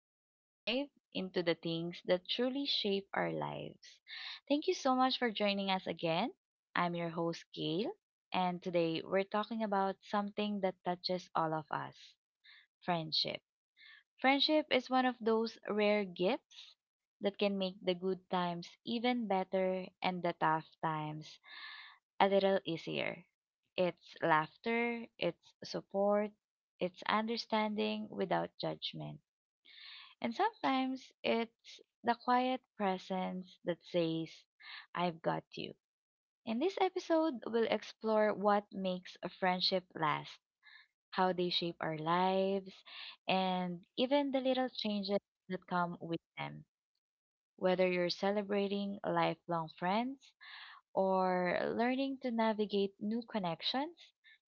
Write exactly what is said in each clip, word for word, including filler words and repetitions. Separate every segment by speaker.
Speaker 1: where we dive into the things that truly shape our lives. Thank you so much for joining us again. I'm your host, Gail, and today we're talking about something that touches all of us: friendship. Friendship is one of those rare gifts that can make the good times even better and the tough times a little easier. It's laughter, it's support, it's understanding without judgment. And sometimes it's the quiet presence that says, I've got you. In this episode, we'll explore what makes a friendship last, how they shape our lives, and even the little changes that come with them. Whether you're celebrating lifelong friends, or learning to navigate new connections,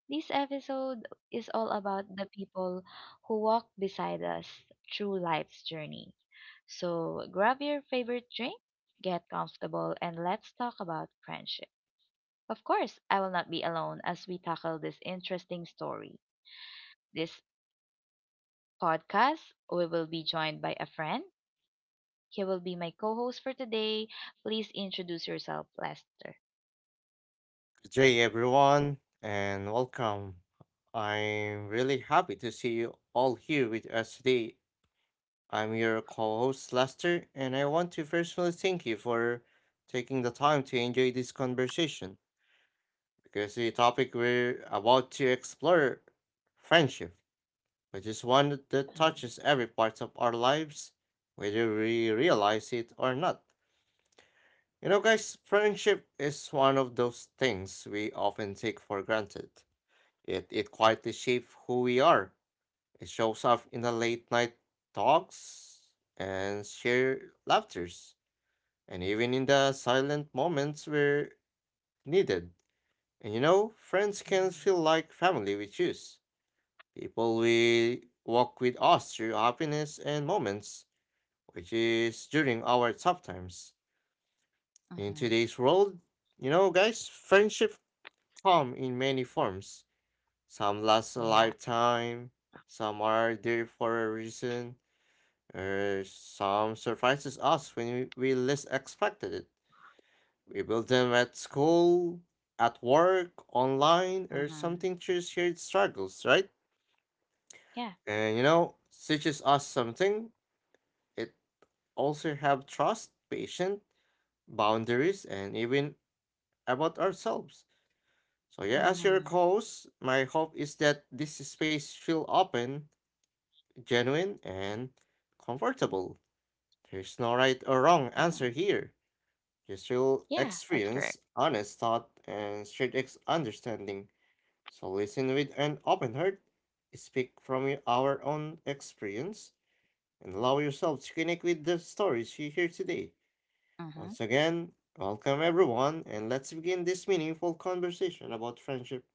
Speaker 1: this episode is all about the people who walk beside us through life's journey. So grab your favorite drink, get comfortable, and let's talk about friendship. Of course, I will not be alone as we tackle this interesting story. This podcast, we will be joined by a friend. He will be my co host for today. Please introduce yourself, Lester.
Speaker 2: Good day, everyone, and welcome. I'm really happy to see you all here with us today. I'm your co host, Lester, and I want to personally thank you for taking the time to enjoy this conversation because the topic we're about to explore friendship, which is one that touches every part of our lives, whether we realize it or not. You know, guys, friendship is one of those things we often take for granted. It, it quietly shapes who we are. It shows up in the late night talks and shared laughters, and even in the silent moments where needed. And you know, friends can
Speaker 1: Mm-hmm.
Speaker 2: feel like family we choose. People we walk with us through happiness and moments, which is during our tough times.
Speaker 1: Mm-hmm.
Speaker 2: In today's world, you know, guys, friendship come in many forms. Some last a
Speaker 1: Yeah.
Speaker 2: lifetime, some are there for a reason, or some surprises us when we, we least expected it. We build them at school, at work, online, or
Speaker 1: Mhm.
Speaker 2: something through shared struggles, right?
Speaker 1: Yeah.
Speaker 2: And you know, teaches us something. It also have trust, patience, boundaries, and even about ourselves. So yeah, as your
Speaker 1: Mhm.
Speaker 2: host, my hope is that this space feel open, genuine and comfortable. There's no right or
Speaker 1: Mhm.
Speaker 2: wrong answer here. Just
Speaker 1: Yeah,
Speaker 2: real
Speaker 1: that's correct.
Speaker 2: experience, honest thought, and shared ex- understanding. So listen with an open heart, speak from your- our own experience, and allow
Speaker 1: Mhm.
Speaker 2: yourself to connect with the stories you hear today. Once again, welcome everyone, and let's begin this meaningful conversation about friendship.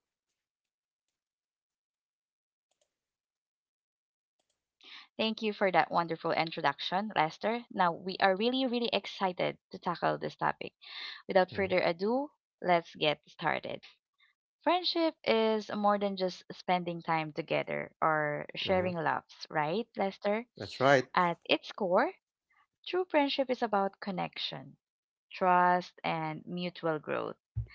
Speaker 1: Thank you for that wonderful introduction, Lester. Now, we are really really excited to tackle this topic. Without further ado,
Speaker 2: Mm,
Speaker 1: let's get started. Friendship is more than just spending time together or sharing laughs,
Speaker 2: mhm.
Speaker 1: right, Lester? At
Speaker 2: That's
Speaker 1: its
Speaker 2: right.
Speaker 1: core, true friendship is about connection, trust, and mutual growth.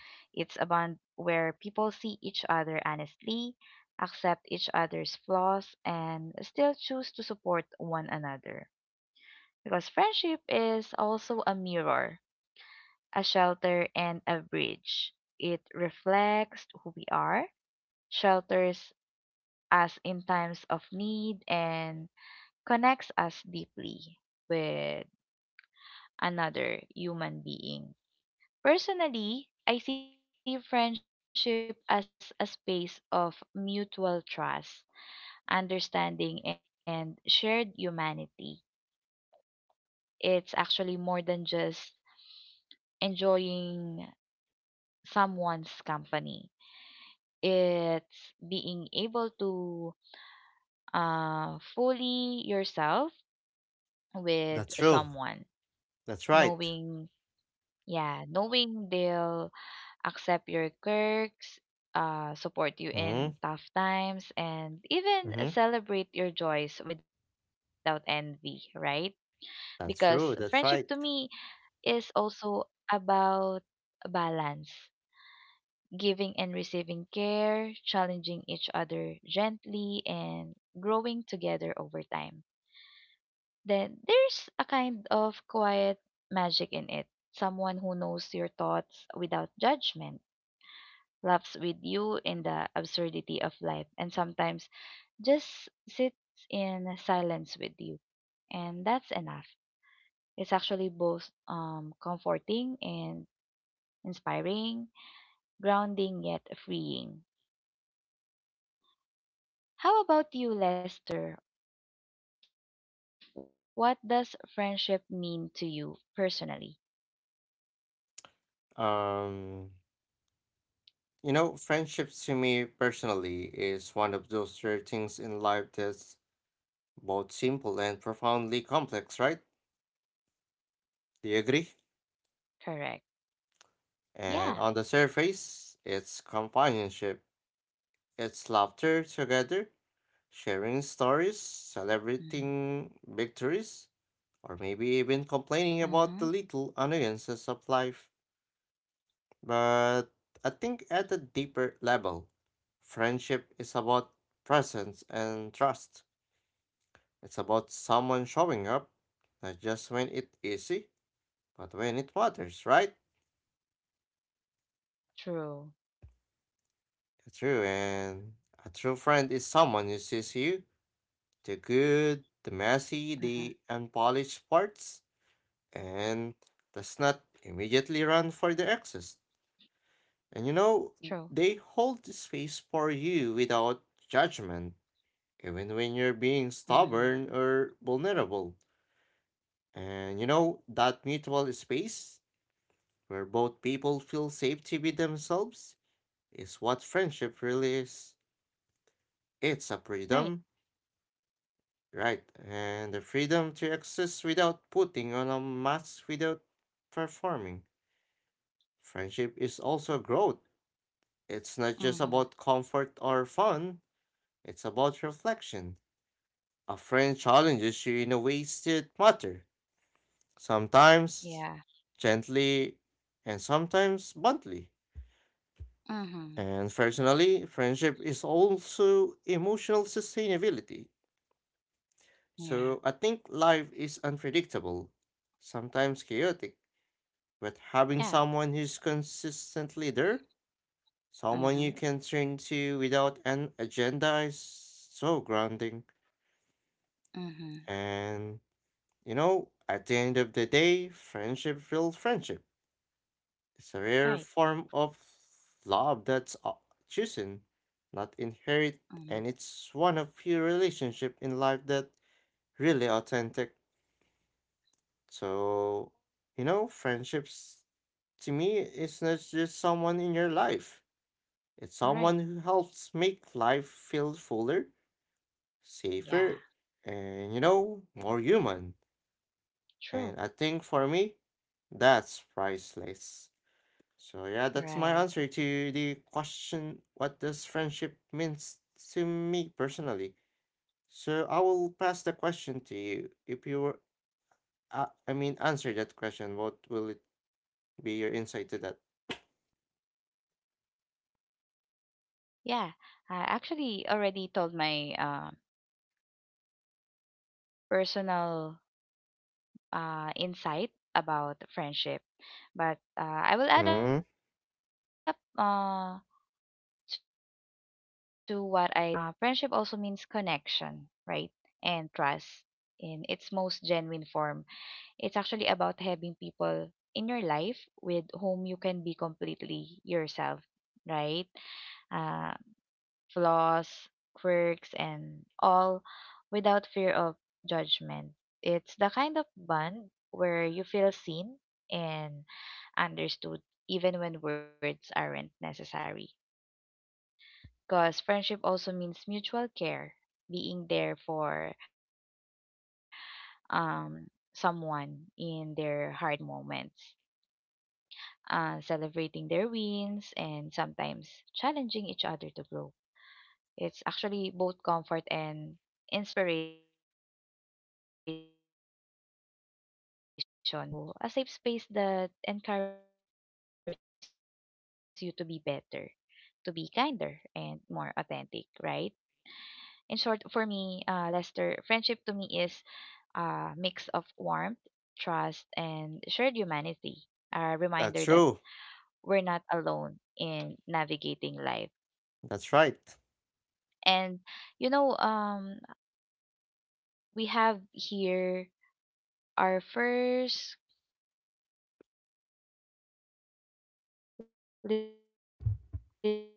Speaker 1: It's a bond where people see each other honestly, accept each other's flaws, and still choose to support one another. Because friendship is also a mirror, a shelter, and a bridge. It reflects who we are, shelters us in times of need, and connects us deeply with another human being. Personally, I see friendship as a space of mutual trust, understanding, and shared humanity. It's actually more than just enjoying someone's company, it's being able to uh, fully yourself with
Speaker 2: That's
Speaker 1: someone,
Speaker 2: true. That's
Speaker 1: knowing,
Speaker 2: right.
Speaker 1: yeah, knowing they'll accept your quirks. Uh, support you in
Speaker 2: Mm-hmm.
Speaker 1: tough times and even
Speaker 2: Mm-hmm.
Speaker 1: celebrate your joys without envy, right? Because
Speaker 2: That's
Speaker 1: friendship to
Speaker 2: true.
Speaker 1: me
Speaker 2: That's right.
Speaker 1: is also about balance, giving and receiving care, challenging each other gently, and growing together over time. Then there's a kind of quiet magic in it. Someone who knows your thoughts without judgment, laughs with you in the absurdity of life, and sometimes just sits in silence with you. And that's enough. It's actually both um, comforting and inspiring, grounding, yet freeing. How about you, Lester? What does friendship mean to you personally?
Speaker 2: Um, you know, friendships to me personally is one of those rare things in life that's both simple and profoundly complex, right? Do you agree?
Speaker 1: Correct.
Speaker 2: And on the
Speaker 1: Yeah.
Speaker 2: surface, it's companionship, it's laughter together, sharing stories, celebrating
Speaker 1: Mm-hmm.
Speaker 2: victories, or maybe even complaining about the little
Speaker 1: Mm-hmm.
Speaker 2: annoyances of life. But I think at a deeper level, friendship is about presence and trust. It's about someone showing up, not just when it's easy, but when it matters, right?
Speaker 1: True.
Speaker 2: True, and a true friend is someone who sees you, the good, the messy, the unpolished
Speaker 1: Mm-hmm.
Speaker 2: parts, and does not immediately run for the excess. And you know, they hold the space
Speaker 1: True.
Speaker 2: for you without judgment, even when you're being stubborn or vulnerable.
Speaker 1: Mm-hmm.
Speaker 2: And you know, that mutual space where both people feel safe to be themselves, is what friendship really is. It's a freedom,
Speaker 1: Right.
Speaker 2: right? And the freedom to exist without putting on a mask, without performing. Friendship is also growth. It's not just about comfort or fun,
Speaker 1: Mm-hmm.
Speaker 2: it's about reflection. A friend challenges you in a ways that matter, sometimes gently and
Speaker 1: Yeah.
Speaker 2: sometimes bluntly. And personally, friendship is
Speaker 1: Mm-hmm.
Speaker 2: also emotional sustainability. So I think life is
Speaker 1: Yeah.
Speaker 2: unpredictable, sometimes chaotic, but having someone who's consistently
Speaker 1: Yeah.
Speaker 2: there, someone you can turn to without an
Speaker 1: Mm-hmm.
Speaker 2: agenda is so grounding. And you know,
Speaker 1: Mm-hmm.
Speaker 2: at the end of the day, friendship feels friendship. It's a rare form of
Speaker 1: Right.
Speaker 2: love that's uh, chosen, not inherit, and it's one of few
Speaker 1: Mm-hmm.
Speaker 2: relationship in life that really authentic. So, you know, friendships to me is not just someone in your life. It's someone who helps make life
Speaker 1: Right.
Speaker 2: feel fuller, safer, and you know, more
Speaker 1: Yeah.
Speaker 2: human. And I think for me,
Speaker 1: True.
Speaker 2: that's priceless. So yeah, that's my answer to the question,
Speaker 1: Right.
Speaker 2: what does friendship means to me personally? So I will pass the question to you. If you were, uh, I mean, answer that question, what will it be your insight to that?
Speaker 1: Yeah. I actually already told my uh, personal uh, insight about friendship. But uh, I will add up
Speaker 2: Mm,
Speaker 1: uh, to what I've said earlier. Uh, for me personally, uh, friendship also means connection, right? And trust in its most genuine form. It's actually about having people in your life with whom you can be completely yourself, right? Uh, Flaws, quirks, and all without fear of judgment. It's the kind of bond where you feel seen and understood even when words aren't necessary. Because friendship also means mutual care, being there for um, someone in their hard moments, uh, celebrating their wins, and sometimes challenging each other to grow. It's actually both comfort and inspiration, a safe space, but also a safe space that encourages you to be better, to be kinder, and more authentic, right? In short, for me, uh, Lester, friendship to me is a mix of warmth, trust, and shared humanity, a reminder that
Speaker 2: that's true.
Speaker 1: we're not alone in navigating life.
Speaker 2: That's right.
Speaker 1: And you know, um, we have here our first listener who have uh, this comment.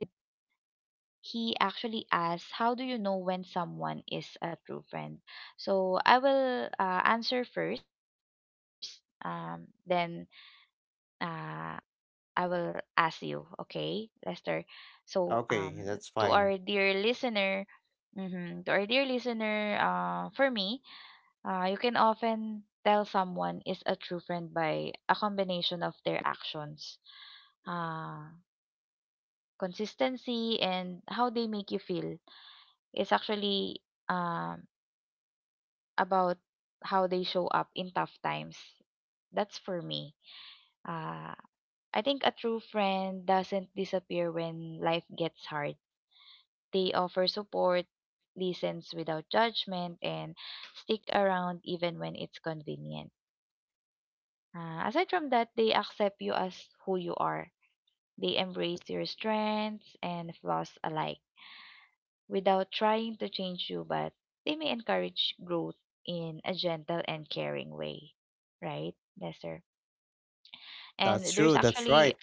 Speaker 1: He actually asks, how do you know when someone is a true friend? So I will uh, answer first, um, then uh, I will ask you. Okay, Lester. So,
Speaker 2: Okay,
Speaker 1: um,
Speaker 2: that's
Speaker 1: to
Speaker 2: fine.
Speaker 1: our dear listener, hmm to our dear listener, uh, for me, uh, you can often tell someone is a true friend by a combination of their actions, uh, consistency, and how they make you feel. Is actually um, about how they show up in tough times. That's for me. Uh, I think a true friend doesn't disappear when life gets hard. They offer support, listens without judgment, and stick around even when it's convenient. Uh, aside from that, they accept you as who you are. They embrace your strengths and flaws alike without trying to change you, but they may encourage growth in a gentle and caring way, right, Lester?
Speaker 2: That's
Speaker 1: And there's
Speaker 2: true. That's
Speaker 1: actually
Speaker 2: right.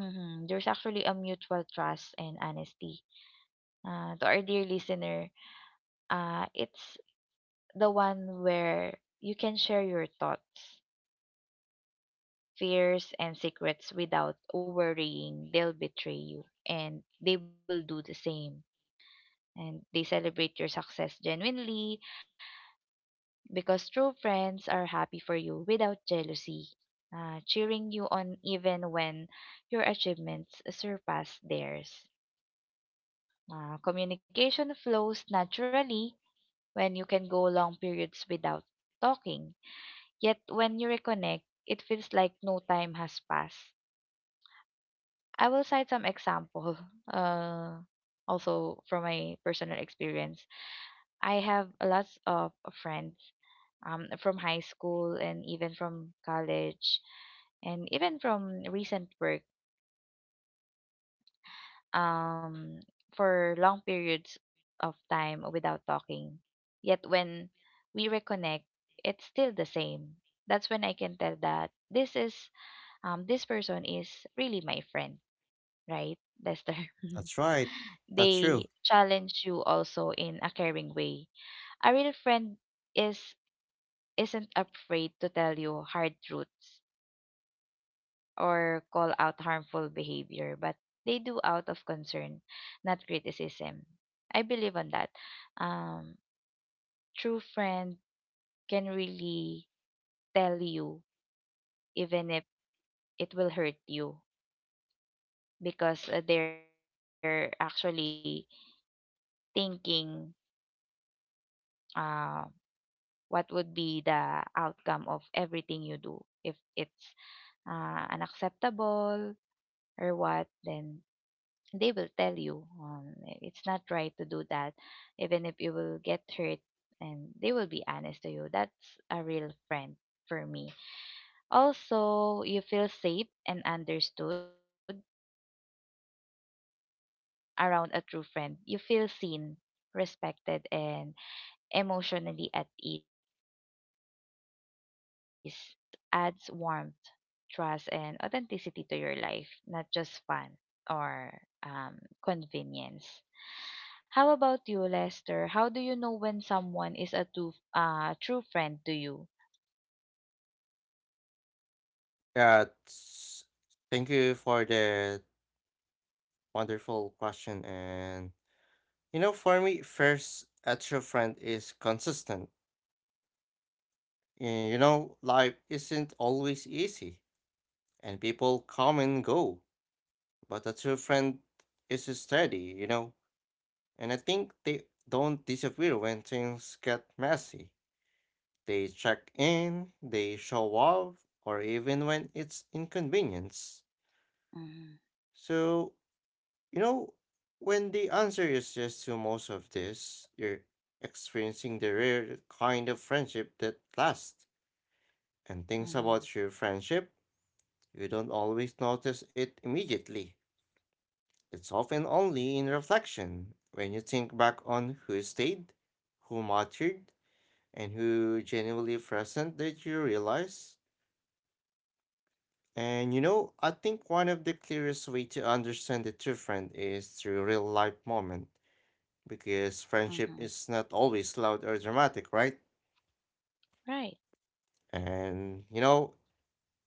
Speaker 1: mhm, there's actually a mutual trust and honesty. Uh, to our dear listener, uh, it's the one where you can share your thoughts, fears, and secrets without worrying they'll betray you, and they will do the same. And they celebrate your success genuinely, because true friends are happy for you without jealousy, uh, cheering you on even when your achievements surpass theirs. Uh, communication flows naturally when you can go long periods without talking, yet when you reconnect, it feels like no time has passed. I will cite some example. Uh, Also from my personal experience, I have lots of friends um, from high school and even from college and even from recent work um, for long periods of time without talking. Yet when we reconnect, it's still the same. That's when I can tell that this is um, this person is really my friend, right, Lester?
Speaker 2: That's right. That's true.
Speaker 1: They challenge you also in a caring way. A real friend is isn't afraid to tell you hard truths or call out harmful behavior, but they do out of concern, not criticism. I believe on that. Um, True friend can really tell you, even if it will hurt you, because uh, they're actually thinking uh, what would be the outcome of everything you do. If it's uh, unacceptable or what, then they will tell you um, it's not right to do that, even if you will get hurt, and they will be honest to you. That's a real friend for me. Also, you feel safe and understood. Around a true friend, you feel seen, respected, and emotionally at ease. In essence, a true friend is someone whose presence adds warmth, trust, and authenticity to your life, not just fun or um, convenience. How about you, Lester? How do you know when someone is a true, uh, true friend to you?
Speaker 2: Yeah. it's- Thank you for the wonderful question. And you know, for me, first, a true friend is consistent. You know, life isn't always easy, and people come and go, but a true friend is steady, you know, and I think they don't disappear when things get messy. They check in, they show up, or even when it's inconvenience.
Speaker 1: Mm-hmm.
Speaker 2: So, you know, when the answer is yes to most of this, you're experiencing the rare kind of friendship that lasts. And things
Speaker 1: Mm-hmm.
Speaker 2: about your friendship, you don't always notice it immediately. It's often only in reflection when you think back on who stayed, who mattered, and who genuinely present that you realize. And you know, I think one of the clearest way to understand the true friend is through real life moment because friendship
Speaker 1: Mm-hmm.
Speaker 2: is not always loud or dramatic, right?
Speaker 1: Right.
Speaker 2: And you know,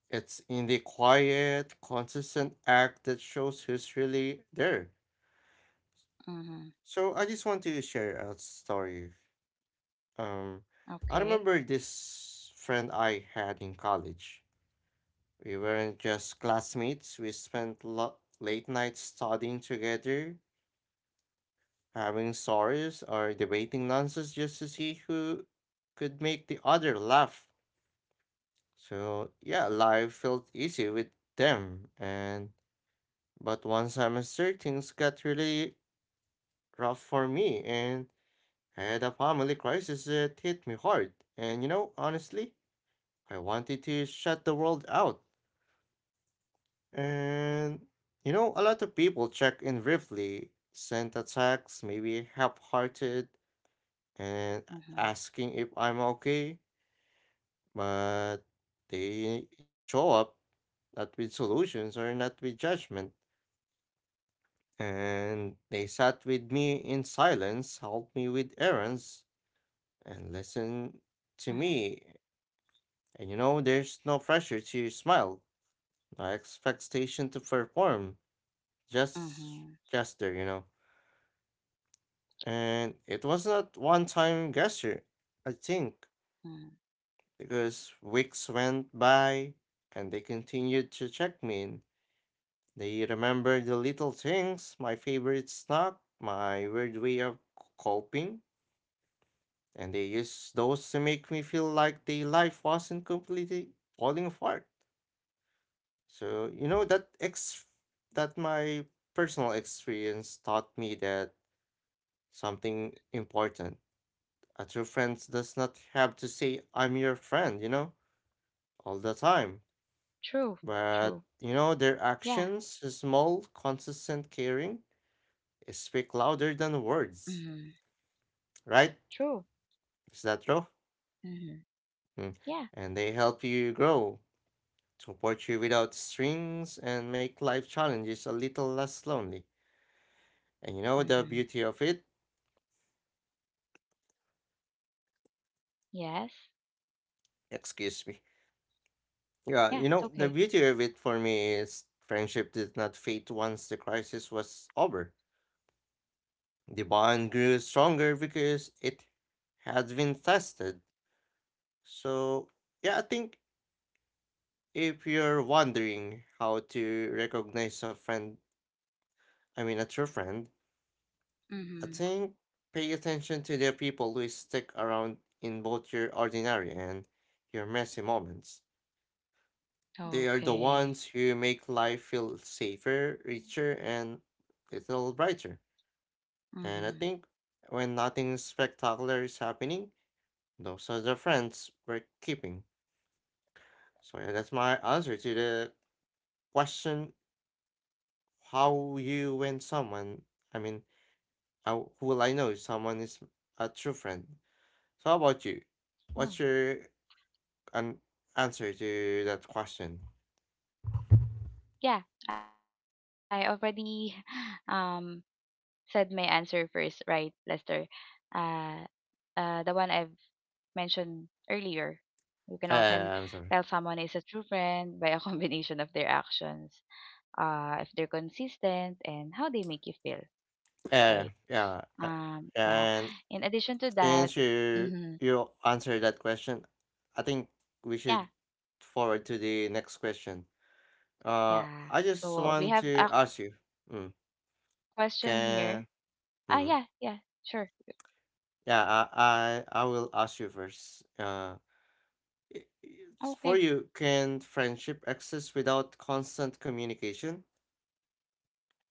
Speaker 2: it's in the quiet, consistent act that shows who's really there.
Speaker 1: Mm-hmm.
Speaker 2: So I just want to share a story. Um, I
Speaker 1: Okay.
Speaker 2: remember this friend I had in college. We weren't just classmates. We spent lo- late nights studying together, having stories or debating nonsense just to see who could make the other laugh. So yeah, life felt easy with them. And but one semester things got really rough for me and uh, the family crisis. It hit me hard, and you know, honestly, I wanted to shut the world out. And you know, a lot of people check in briefly, sent a text, maybe half-hearted,
Speaker 1: Mm-hmm.
Speaker 2: and asking if I'm okay, but they not show up, not with solutions or not with judgment. And they sat with me in silence, helped me with errands, and listened
Speaker 1: Mm-hmm.
Speaker 2: to me. And you know, there's no pressure to smile, no expectation to perform,
Speaker 1: Mm-hmm.
Speaker 2: just gesture, you know. And it was not one time gesture, I think,
Speaker 1: Mm-hmm.
Speaker 2: because weeks went by and they continued to check me in. They remembered the little things, my favorite snack, my weird way of c- coping, and they used those to make me feel like the life wasn't completely falling apart. So, you know, that ex that my personal experience taught me that something important. A true friend does not have to say I'm your friend, you know, all the
Speaker 1: True.
Speaker 2: time.
Speaker 1: True. Yeah.
Speaker 2: But, you know, their actions, small, consistent caring, speak louder than
Speaker 1: Mm-hmm.
Speaker 2: words,
Speaker 1: True.
Speaker 2: right? Is that true?
Speaker 1: Mm-hmm. Yeah.
Speaker 2: Mm. And they help you grow, support you without strings, and make life challenges a little less lonely. And you know
Speaker 1: Mm-hmm.
Speaker 2: the beauty of it?
Speaker 1: Yes.
Speaker 2: Excuse me.
Speaker 1: Yeah.
Speaker 2: Yeah, you
Speaker 1: It's
Speaker 2: know,
Speaker 1: okay.
Speaker 2: the beauty of it for me is friendship did not fade once the crisis was over. The bond grew stronger because it had been tested. So, yeah, I think if you're wondering how to recognize a friend, I mean, a true friend,
Speaker 1: Mm-hmm.
Speaker 2: I think pay attention to the people who stick around in both your ordinary and your messy moments. They are the
Speaker 1: Okay.
Speaker 2: ones who make life feel safer, richer, and little brighter. And I
Speaker 1: Mm-hmm.
Speaker 2: think when nothing spectacular is happening, those are the friends we're keeping. So yeah, that's my answer to the question: how you when someone? I mean, how who will I know if someone is a true friend? So how about you?
Speaker 1: Oh.
Speaker 2: What's your an answer to that question?
Speaker 1: Yeah. I already um said my answer first, right, Lester? Uh, uh, the one I've mentioned earlier. You can often tell
Speaker 2: Uh,
Speaker 1: someone is a
Speaker 2: I'm
Speaker 1: true
Speaker 2: sorry.
Speaker 1: friend by a combination of their actions, uh, if they're consistent, and how they make you feel, right?
Speaker 2: Uh, yeah, yeah.
Speaker 1: Um,
Speaker 2: uh,
Speaker 1: yeah. In
Speaker 2: And
Speaker 1: addition to that,
Speaker 2: since
Speaker 1: mm-hmm,
Speaker 2: you you answered that question, I think we
Speaker 1: yeah,
Speaker 2: should forward to the next question. Uh,
Speaker 1: yeah.
Speaker 2: I
Speaker 1: So
Speaker 2: just
Speaker 1: we have
Speaker 2: want
Speaker 1: a
Speaker 2: to ask
Speaker 1: question
Speaker 2: you.
Speaker 1: here.
Speaker 2: Mm,
Speaker 1: Ah, yeah, yeah, sure.
Speaker 2: can mm, yeah, I, I I will ask you first. Uh,
Speaker 1: Okay.
Speaker 2: i- it's for you, can friendship exist without constant communication?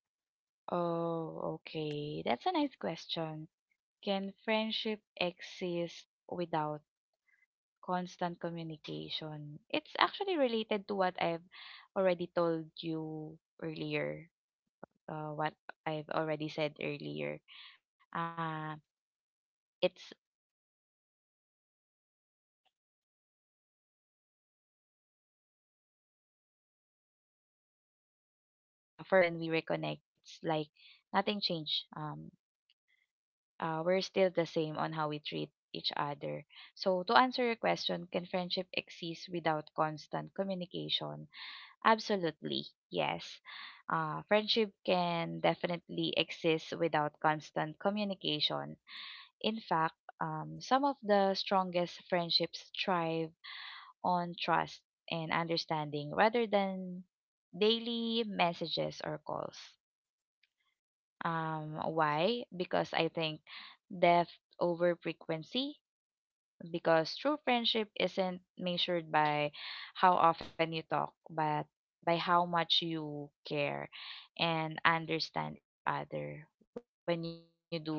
Speaker 1: Oh, okay. That's a nice question. Can friendship exist without constant communication? It's actually related to what I've already told you earlier, uh, what I've already said earlier. Uh, it's um, I have a lot of friends who, uh, for a long period of time, I'm not talking to, right? And when we reconnect, it's like nothing changed. Um, uh, we're still the same on how we treat each other. So, to answer your question, can friendship exist without constant communication? Absolutely, yes. Uh, friendship can definitely exist without constant communication. In fact, um, some of the strongest friendships thrive on trust and understanding rather than daily messages or calls. Um, why? Because I think depth over frequency. Because true friendship isn't measured by how often you talk, but by how much you care and understand each other when you do connect.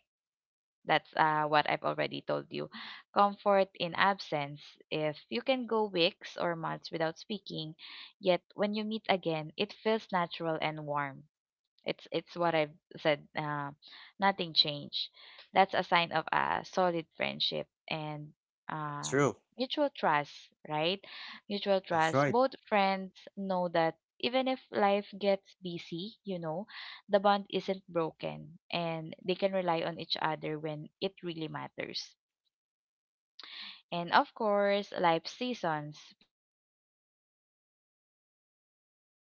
Speaker 1: That's uh, what I've already told you. Comfort in absence. If you can go weeks or months without speaking, yet when you meet again, it feels natural and warm. It's it's what I've said. Uh, nothing changed. That's a sign of a solid friendship and um,
Speaker 2: True.
Speaker 1: mutual trust, right? Mutual
Speaker 2: That's
Speaker 1: trust.
Speaker 2: right.
Speaker 1: Both friends know that even if life gets busy, you know, the bond isn't broken, and they can rely on each other when it really matters. And of course, life seasons. People go through phases um, like work,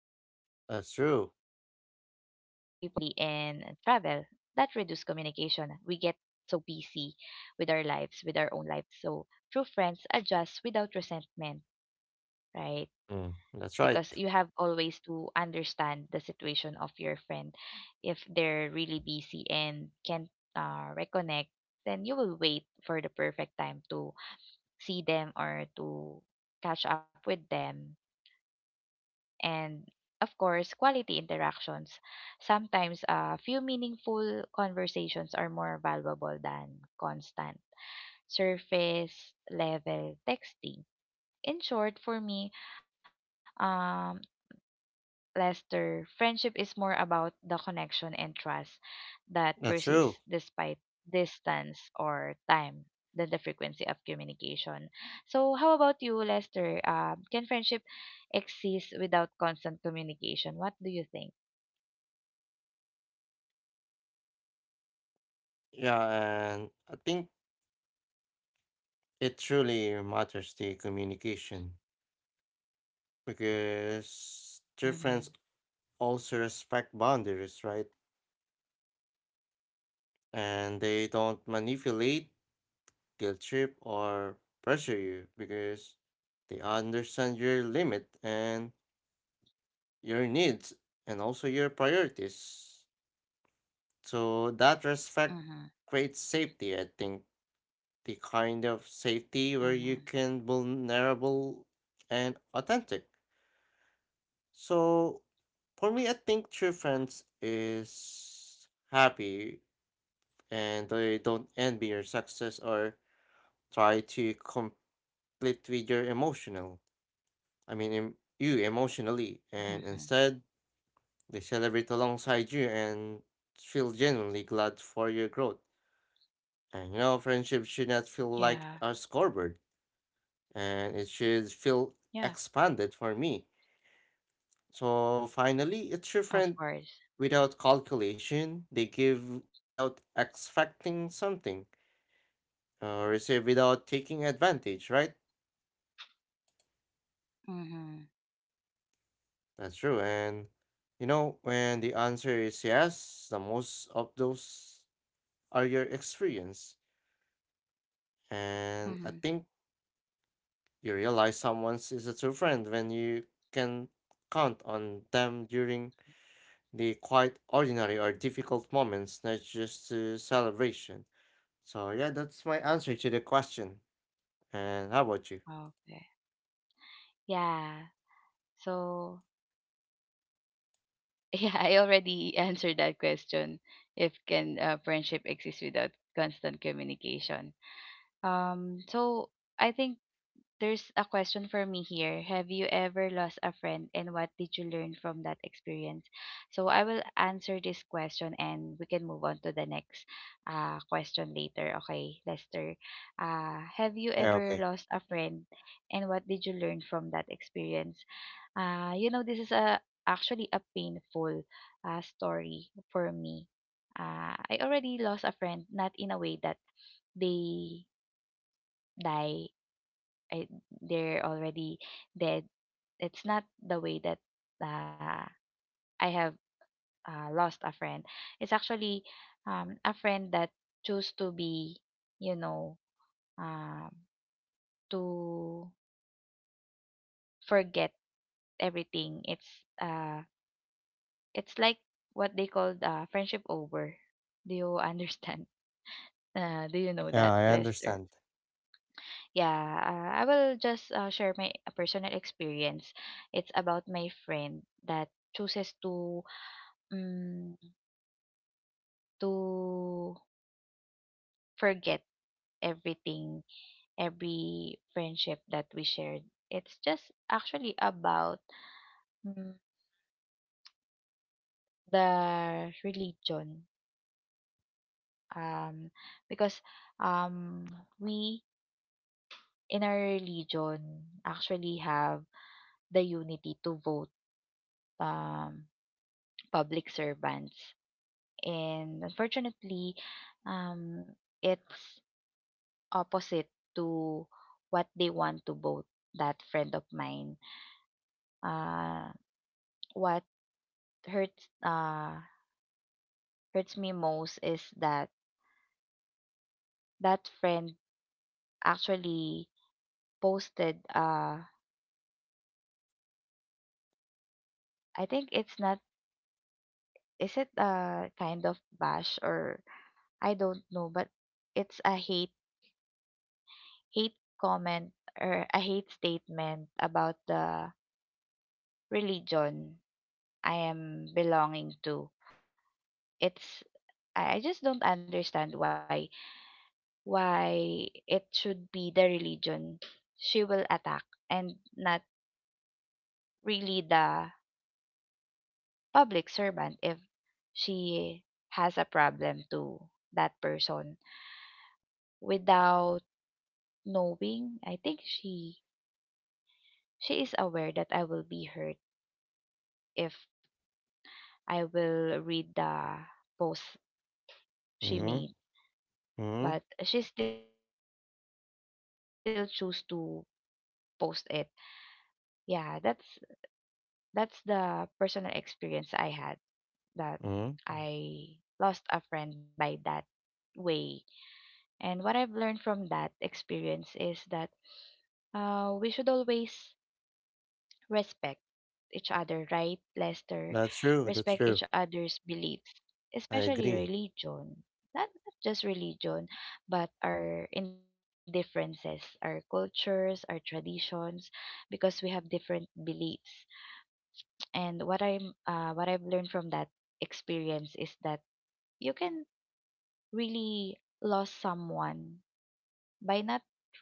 Speaker 2: That's
Speaker 1: family,
Speaker 2: true.
Speaker 1: and travel. That reduces communication. We get so busy with our lives, with our own lives. So true friends adjust without resentment, right?
Speaker 2: Mm, that's
Speaker 1: Because
Speaker 2: right.
Speaker 1: you have always to understand the situation of your friend. If they're really busy and can't uh, reconnect, then you will wait for the perfect time to see them or to catch up with them. And of course, quality interactions. Sometimes a few meaningful conversations are more valuable than constant surface level texting. In short, for me, um, Lester, friendship is more about the connection and trust that
Speaker 2: That's
Speaker 1: persists
Speaker 2: true.
Speaker 1: despite distance or time than the frequency of communication. So, how about you, Lester? Uh, can friendship exist without constant communication? What do you think?
Speaker 2: Yeah, and I think it truly matters the communication.
Speaker 1: Mm-hmm.
Speaker 2: Because true friends also respect boundaries, right? And they don't manipulate, guilt trip, or pressure you because they understand your limit and your needs and also your priorities. So that
Speaker 1: Mm-hmm.
Speaker 2: respect creates safety, I think. The kind of safety where
Speaker 1: Mm-hmm.
Speaker 2: you can vulnerable and authentic. So for me, I think true friends is happy and I don't envy your success or try to compete with your emotional. I mean, em- you
Speaker 1: Mm-hmm.
Speaker 2: emotionally, and instead they celebrate alongside you and feel genuinely glad for your growth. And you know, friendship should
Speaker 1: Yeah.
Speaker 2: not feel like a scoreboard, and it should
Speaker 1: Yeah.
Speaker 2: feel expanded for me. So
Speaker 1: Of
Speaker 2: finally, it's
Speaker 1: course.
Speaker 2: your friend without calculation. They give without expecting something, or receive without taking advantage, right?
Speaker 1: Mm-hmm.
Speaker 2: That's true. And you know, when the answer is yes, the most of those are your experience.
Speaker 1: Mm-hmm.
Speaker 2: And I think you realize someone is a true friend when you can count on them during the quite ordinary or difficult moments, not just to celebration. So yeah, that's my answer to the question. And how about you?
Speaker 1: Okay. Yeah. So yeah, I already answered that question. If can uh, friendship exist without constant communication? Um, so I think there's a question for me here. Have you ever lost a friend and what did you learn from that experience? So I will answer this question and we can move on to the next uh, question later. Okay, Lester. Uh, have you
Speaker 2: Yeah,
Speaker 1: ever
Speaker 2: okay.
Speaker 1: lost a friend and what did you learn from that experience? Uh, you know, this is a actually a painful uh, story for me. Uh, I already lost a friend, not in a way that they die. I, they're already dead. It's not the way that uh, I have uh, lost a friend. It's actually um, a friend that chose to be, you know, um, to forget everything. It's uh, it's like what they called uh, friendship over. Do you understand? Uh, do you know
Speaker 2: Yeah,
Speaker 1: that,
Speaker 2: I
Speaker 1: Lester?
Speaker 2: understand.
Speaker 1: Yeah, uh, I will just uh, share my uh, personal experience. It's about my friend that chooses to mm, to forget everything, every friendship that we shared. It's just actually about mm, the religion. Um, because um, we in our religion actually have the unity to vote um, public servants. And unfortunately, um, it's opposite to what they want to both that friend of mine. Uh, what hurts uh, hurts me most is that that friend actually posted uh I think it's not, is it a kind of bash or I don't know, but it's a hate hate comment or a hate statement about the religion I am belonging to. It's I I just don't understand why why it should be the religion she will attack and not really the public servant if she has a problem to that person. Without knowing, I think she she is aware that I will be hurt if I will read the post she
Speaker 2: Mm-hmm.
Speaker 1: made,
Speaker 2: Mm-hmm.
Speaker 1: but she still choose to post it. Yeah, that's that's the personal experience I had, that
Speaker 2: Mm-hmm.
Speaker 1: I lost a friend by that way. And what I've learned from that experience is that uh, we should always respect each other, right, Lester?
Speaker 2: That's true. That's
Speaker 1: Respect
Speaker 2: true.
Speaker 1: each other's beliefs,
Speaker 2: I
Speaker 1: especially
Speaker 2: agree.
Speaker 1: religion. Not, not just religion, but our indifferences, our cultures, our traditions, because we have different beliefs. And what I'm, uh, what I've learned from that experience is that you can really lost someone by not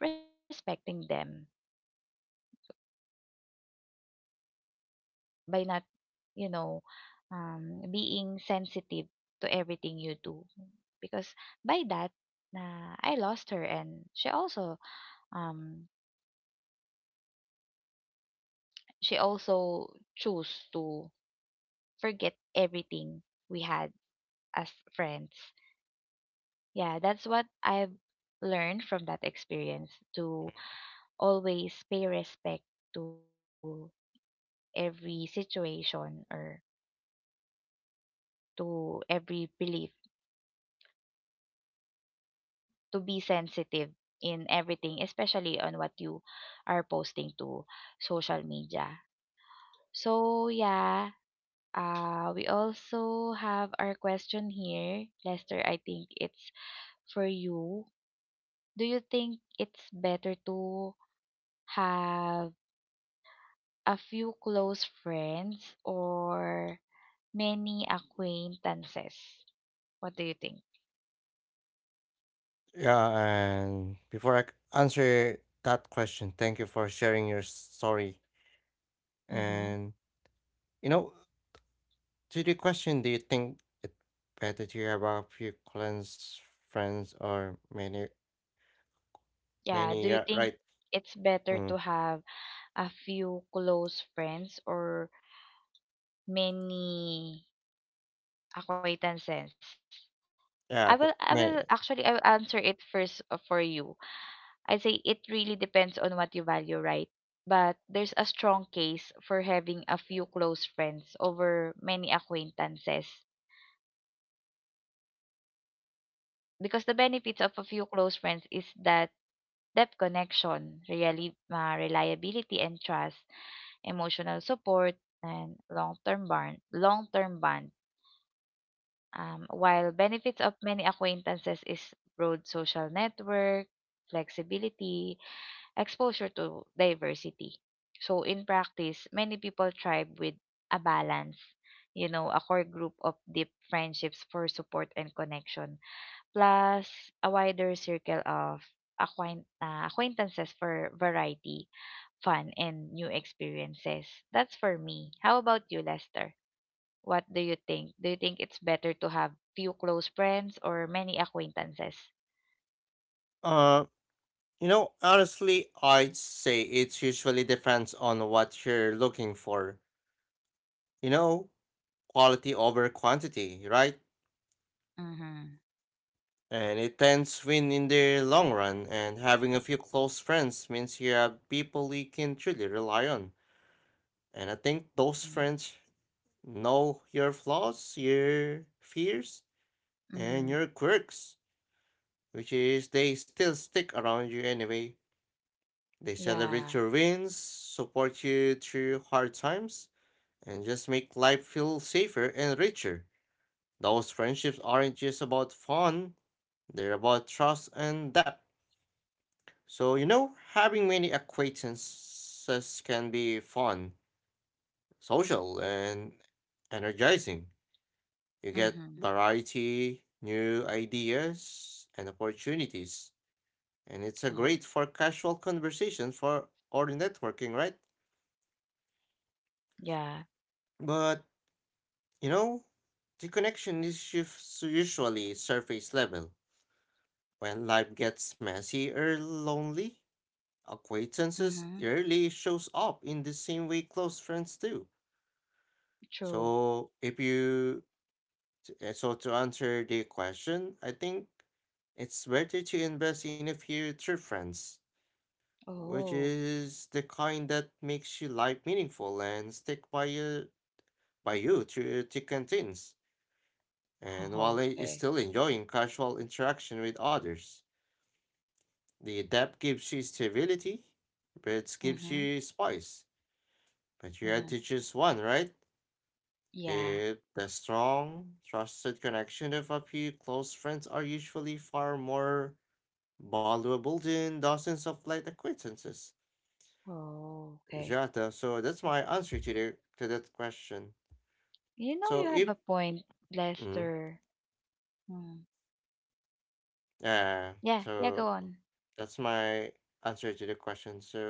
Speaker 1: respecting them, by not, you know, um, being sensitive to everything you do. Because by that, na I lost her, and she also, um, she also chose to forget everything we had as friends. Yeah, that's what I've learned from that experience: to always pay respect to every situation or to every belief, to be sensitive in everything, especially on what you are posting to social media. So yeah, uh, we also have our question here, Lester. I think it's for you. Do you think it's better to have a few close friends or many acquaintances? What do you think?
Speaker 2: Yeah, and before I c- answer that question, thank you for sharing your story.
Speaker 1: Mm-hmm.
Speaker 2: And you know, to the question, do you think it better to have a few close friends or many,
Speaker 1: Yeah,
Speaker 2: many?
Speaker 1: do you
Speaker 2: Yeah,
Speaker 1: think
Speaker 2: right.
Speaker 1: it's better to
Speaker 2: Mm,
Speaker 1: have a few close friends or many acquaintances? I
Speaker 2: yeah, qu-
Speaker 1: will I
Speaker 2: many.
Speaker 1: will actually I will answer it first uh, for you. I say it really depends on what you value, right? But there's a strong case for having a few close friends over many acquaintances, because the benefits of a few close friends is that depth connection, really, uh, reliability and trust, emotional support, and long-term bond, long-term bond. Um, while benefits of many acquaintances is broad social network, flexibility, exposure to diversity. So in practice, many people thrive with a balance, you know, a core group of deep friendships for support and connection, plus a wider circle of acquaint- uh, acquaintances for variety, fun, and new experiences. That's for me. How about you, Lester? What do you think? Do you think it's better to have few close friends or many acquaintances?
Speaker 2: Uh, you know, honestly, I'd say it usually depends on what you're looking for. You know, quality over quantity, right?
Speaker 1: Mhm.
Speaker 2: And it tends win in the long run, and having a few close friends means you have people you can truly rely on. And I think those
Speaker 1: Mhm.
Speaker 2: friends know your flaws, your fears, and
Speaker 1: Mhm.
Speaker 2: your quirks, which is they still stick around you anyway. They
Speaker 1: Yeah.
Speaker 2: celebrate your wins, support you through hard times, and just make life feel safer and richer. Those friendships aren't just about fun, they're about trust and depth. So, you know, having many acquaintances can be fun, social, and energizing. You get
Speaker 1: Mhm.
Speaker 2: variety, new ideas, and opportunities. And it's a
Speaker 1: Mhm.
Speaker 2: great for casual conversation for or networking, right?
Speaker 1: Yeah.
Speaker 2: But, you know, the connection is shif- usually surface level. When life gets messy or lonely,
Speaker 1: Mhm.
Speaker 2: acquaintances rarely shows up in the same way close friends do.
Speaker 1: True.
Speaker 2: So if you t- uh, so to answer the question, I think it's better to invest in a future friends, which
Speaker 1: Oh.
Speaker 2: is the kind that makes your life meaningful and stick by you by you through thick and thins. And
Speaker 1: Oh,
Speaker 2: while i- is
Speaker 1: okay.
Speaker 2: still enjoying casual interaction with others, the depth gives you stability, but it gives
Speaker 1: Mhm.
Speaker 2: you spice. But you had
Speaker 1: Mhm.
Speaker 2: to choose one, right?
Speaker 1: Yeah.
Speaker 2: It, the strong, trusted connection of a few close friends are usually far more valuable than dozens of light acquaintances.
Speaker 1: Oh, okay.
Speaker 2: Jata, so that's my answer to the to that question.
Speaker 1: You know you
Speaker 2: So
Speaker 1: have
Speaker 2: if
Speaker 1: a point,
Speaker 2: mm,
Speaker 1: Lester. Mm.
Speaker 2: yeah,
Speaker 1: Yeah, yeah, go
Speaker 2: so
Speaker 1: on.
Speaker 2: that's my answer to the question. So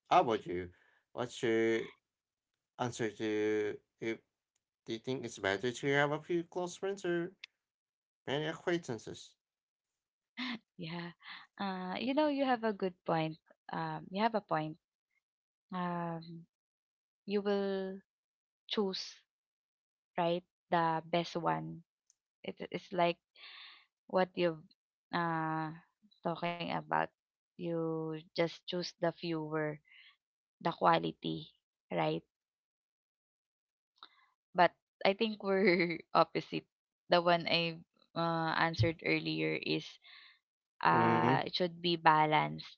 Speaker 2: how about you? What's your answer to if do you think it's better to have a few close friends or many acquaintances?
Speaker 1: Yeah. Uh, you know, you have a good point. Um, you have a point. Um, you will choose, right, the best one. It, it's like what you've uh, talking about. You just choose the fewer, the quality, right? But I think we're opposite. The one I uh, answered earlier is
Speaker 2: Mm,
Speaker 1: uh, it should be balanced.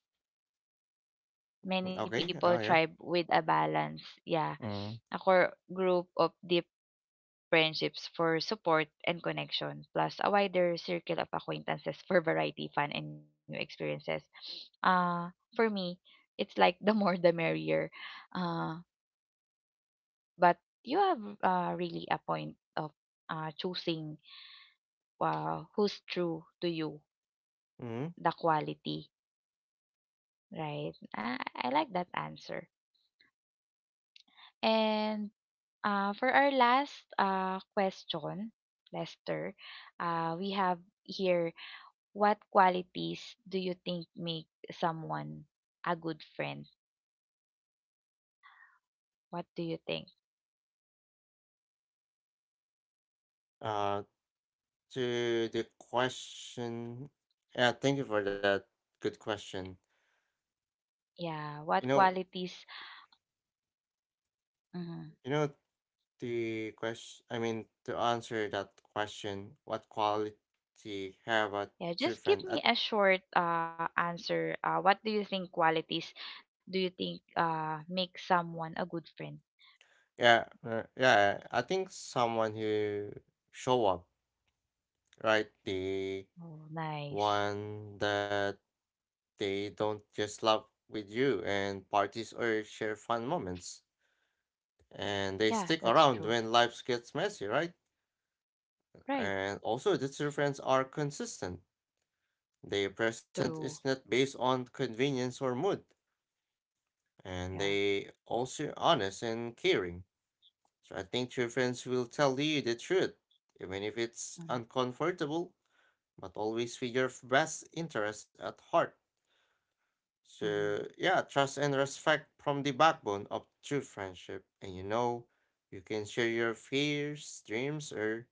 Speaker 1: Many
Speaker 2: okay. Oh,
Speaker 1: people
Speaker 2: yeah.
Speaker 1: thrive with a balance. Yeah,
Speaker 2: Mm.
Speaker 1: a core group of deep friendships for support and connection, plus a wider circle of acquaintances for variety, fun, and new experiences. Uh, for me, it's like the more the merrier. Uh, but you have uh, really a point of uh, choosing uh, who's true to you,
Speaker 2: Mm.
Speaker 1: the quality, right? I, I like that answer. And uh, for our last uh, question, Lester, uh, we have here, what qualities do you think make someone a good friend? What do you think?
Speaker 2: Uh, to the question, yeah, thank you for that good question.
Speaker 1: Yeah,
Speaker 2: You
Speaker 1: what
Speaker 2: know,
Speaker 1: qualities? Mhm.
Speaker 2: you know the question. I mean, to answer that question, what quality have a
Speaker 1: Yeah,
Speaker 2: true
Speaker 1: just
Speaker 2: friend?
Speaker 1: give
Speaker 2: At
Speaker 1: me a short uh, answer. Uh, what do you think qualities do you think uh, make someone a good friend?
Speaker 2: yeah, uh, yeah, I think someone who show up, right? The
Speaker 1: Oh, nice.
Speaker 2: one that they don't just love with you and parties or share fun moments, and they
Speaker 1: Yeah,
Speaker 2: stick
Speaker 1: that's
Speaker 2: around
Speaker 1: true.
Speaker 2: when life gets messy, right?
Speaker 1: Right,
Speaker 2: And also, the two friends are consistent. Their present is
Speaker 1: true.
Speaker 2: not based on convenience or mood, and
Speaker 1: Yeah.
Speaker 2: they also honest and caring. So I think true friends will tell you the truth, even if it's
Speaker 1: Mm-hmm.
Speaker 2: uncomfortable, but always with your best interest at heart.
Speaker 1: Mm-hmm.
Speaker 2: So yeah, trust and respect from the backbone of true friendship. And you know, you can share your fears, dreams, or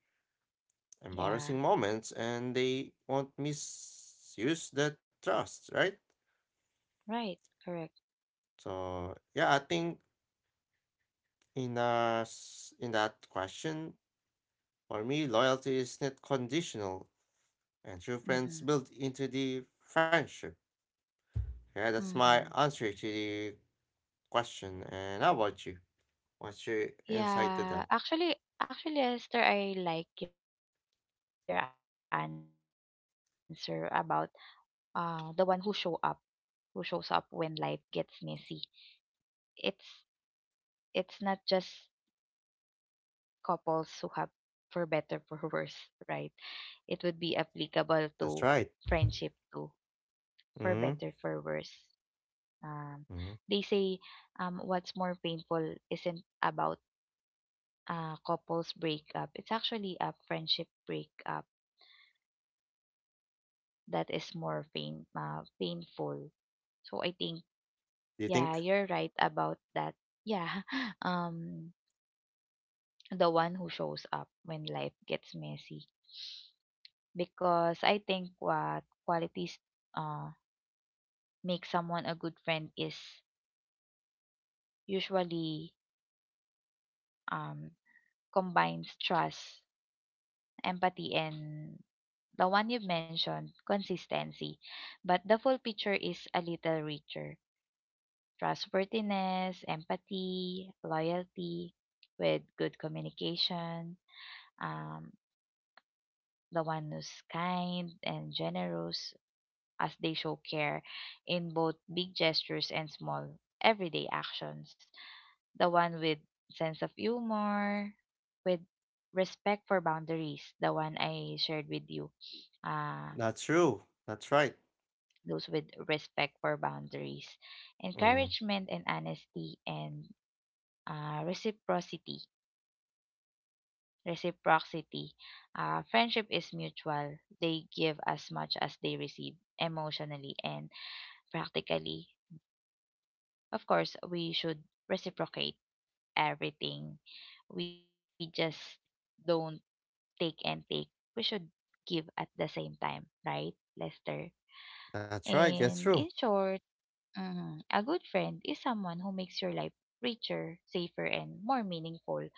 Speaker 2: embarrassing
Speaker 1: Yeah.
Speaker 2: moments and they won't misuse the trust, right?
Speaker 1: Right, correct.
Speaker 2: So yeah, I think in uh s- in that question, for me, loyalty is not conditional and true friends
Speaker 1: Mm-hmm.
Speaker 2: built into the friendship. Yeah, that's my
Speaker 1: Mm-hmm.
Speaker 2: answer to the question. And how about you? What's your insight to
Speaker 1: Yeah,
Speaker 2: that?
Speaker 1: actually, actually, Esther, I like your answer about uh the one who show up, who shows up when life gets messy. It's it's not just couples who have for better for worse, right? It would be applicable to
Speaker 2: That's right.
Speaker 1: friendship too, for better
Speaker 2: Mm-hmm.
Speaker 1: for worse. Um,
Speaker 2: Mm-hmm.
Speaker 1: they say um what's more painful isn't about uh, couples breakup, it's actually a friendship breakup that is more pain, uh, painful. So I think,
Speaker 2: Do you think
Speaker 1: yeah, you're right about that. Yeah, um, the one who shows up when life gets messy. Because I think what qualities uh, make someone a good friend is usually, um, combines trust, empathy, and the one you've mentioned, consistency. But the full picture is a little richer: trustworthiness, empathy, loyalty, with good communication, um, the one who's kind and generous, as they show care in both big gestures and small everyday actions, the one with sense of humor, with respect for boundaries, the one I shared with you. Uh,
Speaker 2: that's true? That's right.
Speaker 1: those with respect for boundaries,
Speaker 2: Mm,
Speaker 1: encouragement and honesty, and uh, reciprocity. Reciprocity. Uh, friendship is mutual. They give as much as they receive, emotionally and practically. Of course, we should reciprocate everything. We just don't take and take. We should give at the same time, right, Lester?
Speaker 2: that's right. That's
Speaker 1: And
Speaker 2: true.
Speaker 1: in short, mhm, a good friend is someone who makes your life richer, safer, and more meaningful,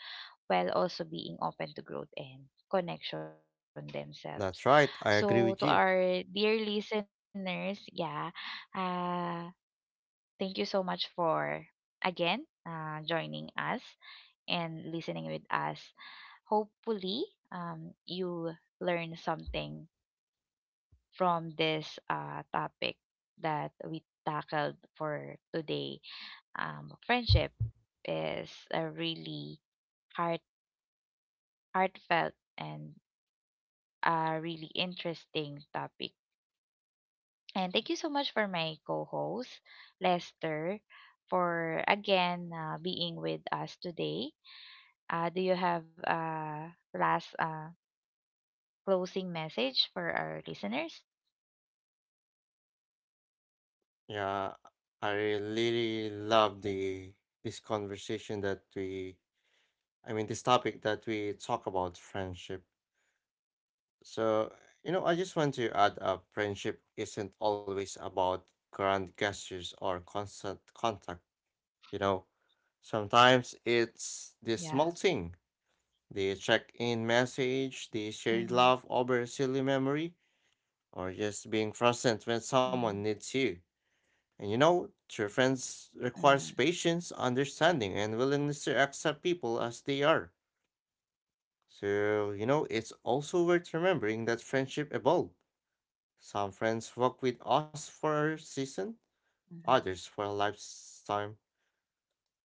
Speaker 1: while also being open to growth and connection themselves.
Speaker 2: That's right.
Speaker 1: So,
Speaker 2: I
Speaker 1: to
Speaker 2: agree with
Speaker 1: our
Speaker 2: you.
Speaker 1: dear listeners, yeah, uh, thank you so much for again uh, joining us and listening with us. Hopefully, um, you learn something from this uh, topic that we tackled for today. Um, friendship is a really heart heartfelt and a really interesting topic. And thank you so much for my co-host Lester for again uh, being with us today. Uh, do you have a last uh, closing message for our listeners?
Speaker 2: Yeah, I really love the this conversation that we, I mean, this topic that we talk about friendship. So, you know, I just want to add up friendship isn't always about grand gestures or constant contact, you know.
Speaker 1: Yeah.
Speaker 2: Sometimes it's the small thing, the check-in
Speaker 1: Mm-hmm,
Speaker 2: message, the shared laugh over a silly memory, or just being
Speaker 1: mm-hmm,
Speaker 2: present when someone needs you. And you know, true
Speaker 1: mm-hmm,
Speaker 2: friends requires patience, understanding, and willingness to accept people as they are. So, you know, it's also worth remembering that friendship evolve. Some friends walk with
Speaker 1: mm-hmm.
Speaker 2: us for a season, others for a lifetime.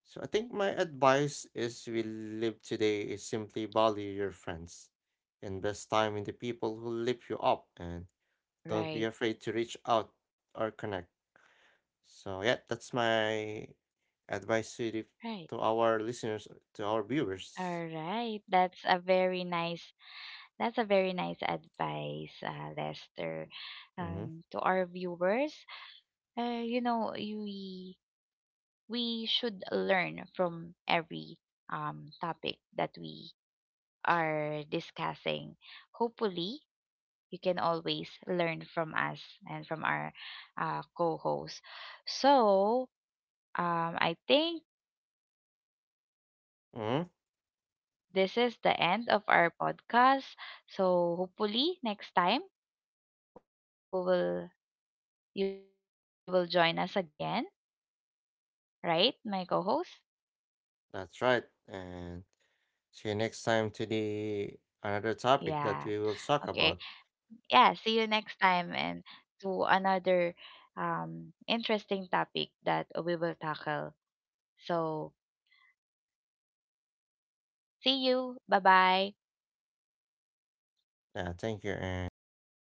Speaker 2: So I think my advice is we live today is simply value your friends. Invest time in the people who lift you
Speaker 1: Right.
Speaker 2: up and don't be afraid to reach out or connect. So yeah, that's my
Speaker 1: Right.
Speaker 2: advice to the, to our listeners, to
Speaker 1: All
Speaker 2: our
Speaker 1: right.
Speaker 2: viewers.
Speaker 1: That's a very nice That's a very nice advice, uh, Lester. Um, to
Speaker 2: Hmm.
Speaker 1: our viewers, uh, you know, you- we we should learn from every um topic that we are discussing. Hopefully, you can always learn from us and from our uh, co-host. So, um, I think
Speaker 2: Hmm.
Speaker 1: this is the end of our podcast. So, hopefully, next time we will you will join us again, right, my co host?
Speaker 2: That's right. And see you next time to the
Speaker 1: Yeah.
Speaker 2: another topic
Speaker 1: Okay.
Speaker 2: that we will talk
Speaker 1: Yeah.
Speaker 2: about.
Speaker 1: See you next time and to another um, interesting topic that we will tackle. So, see you. Bye bye.
Speaker 2: Uh, thank you and bye bye.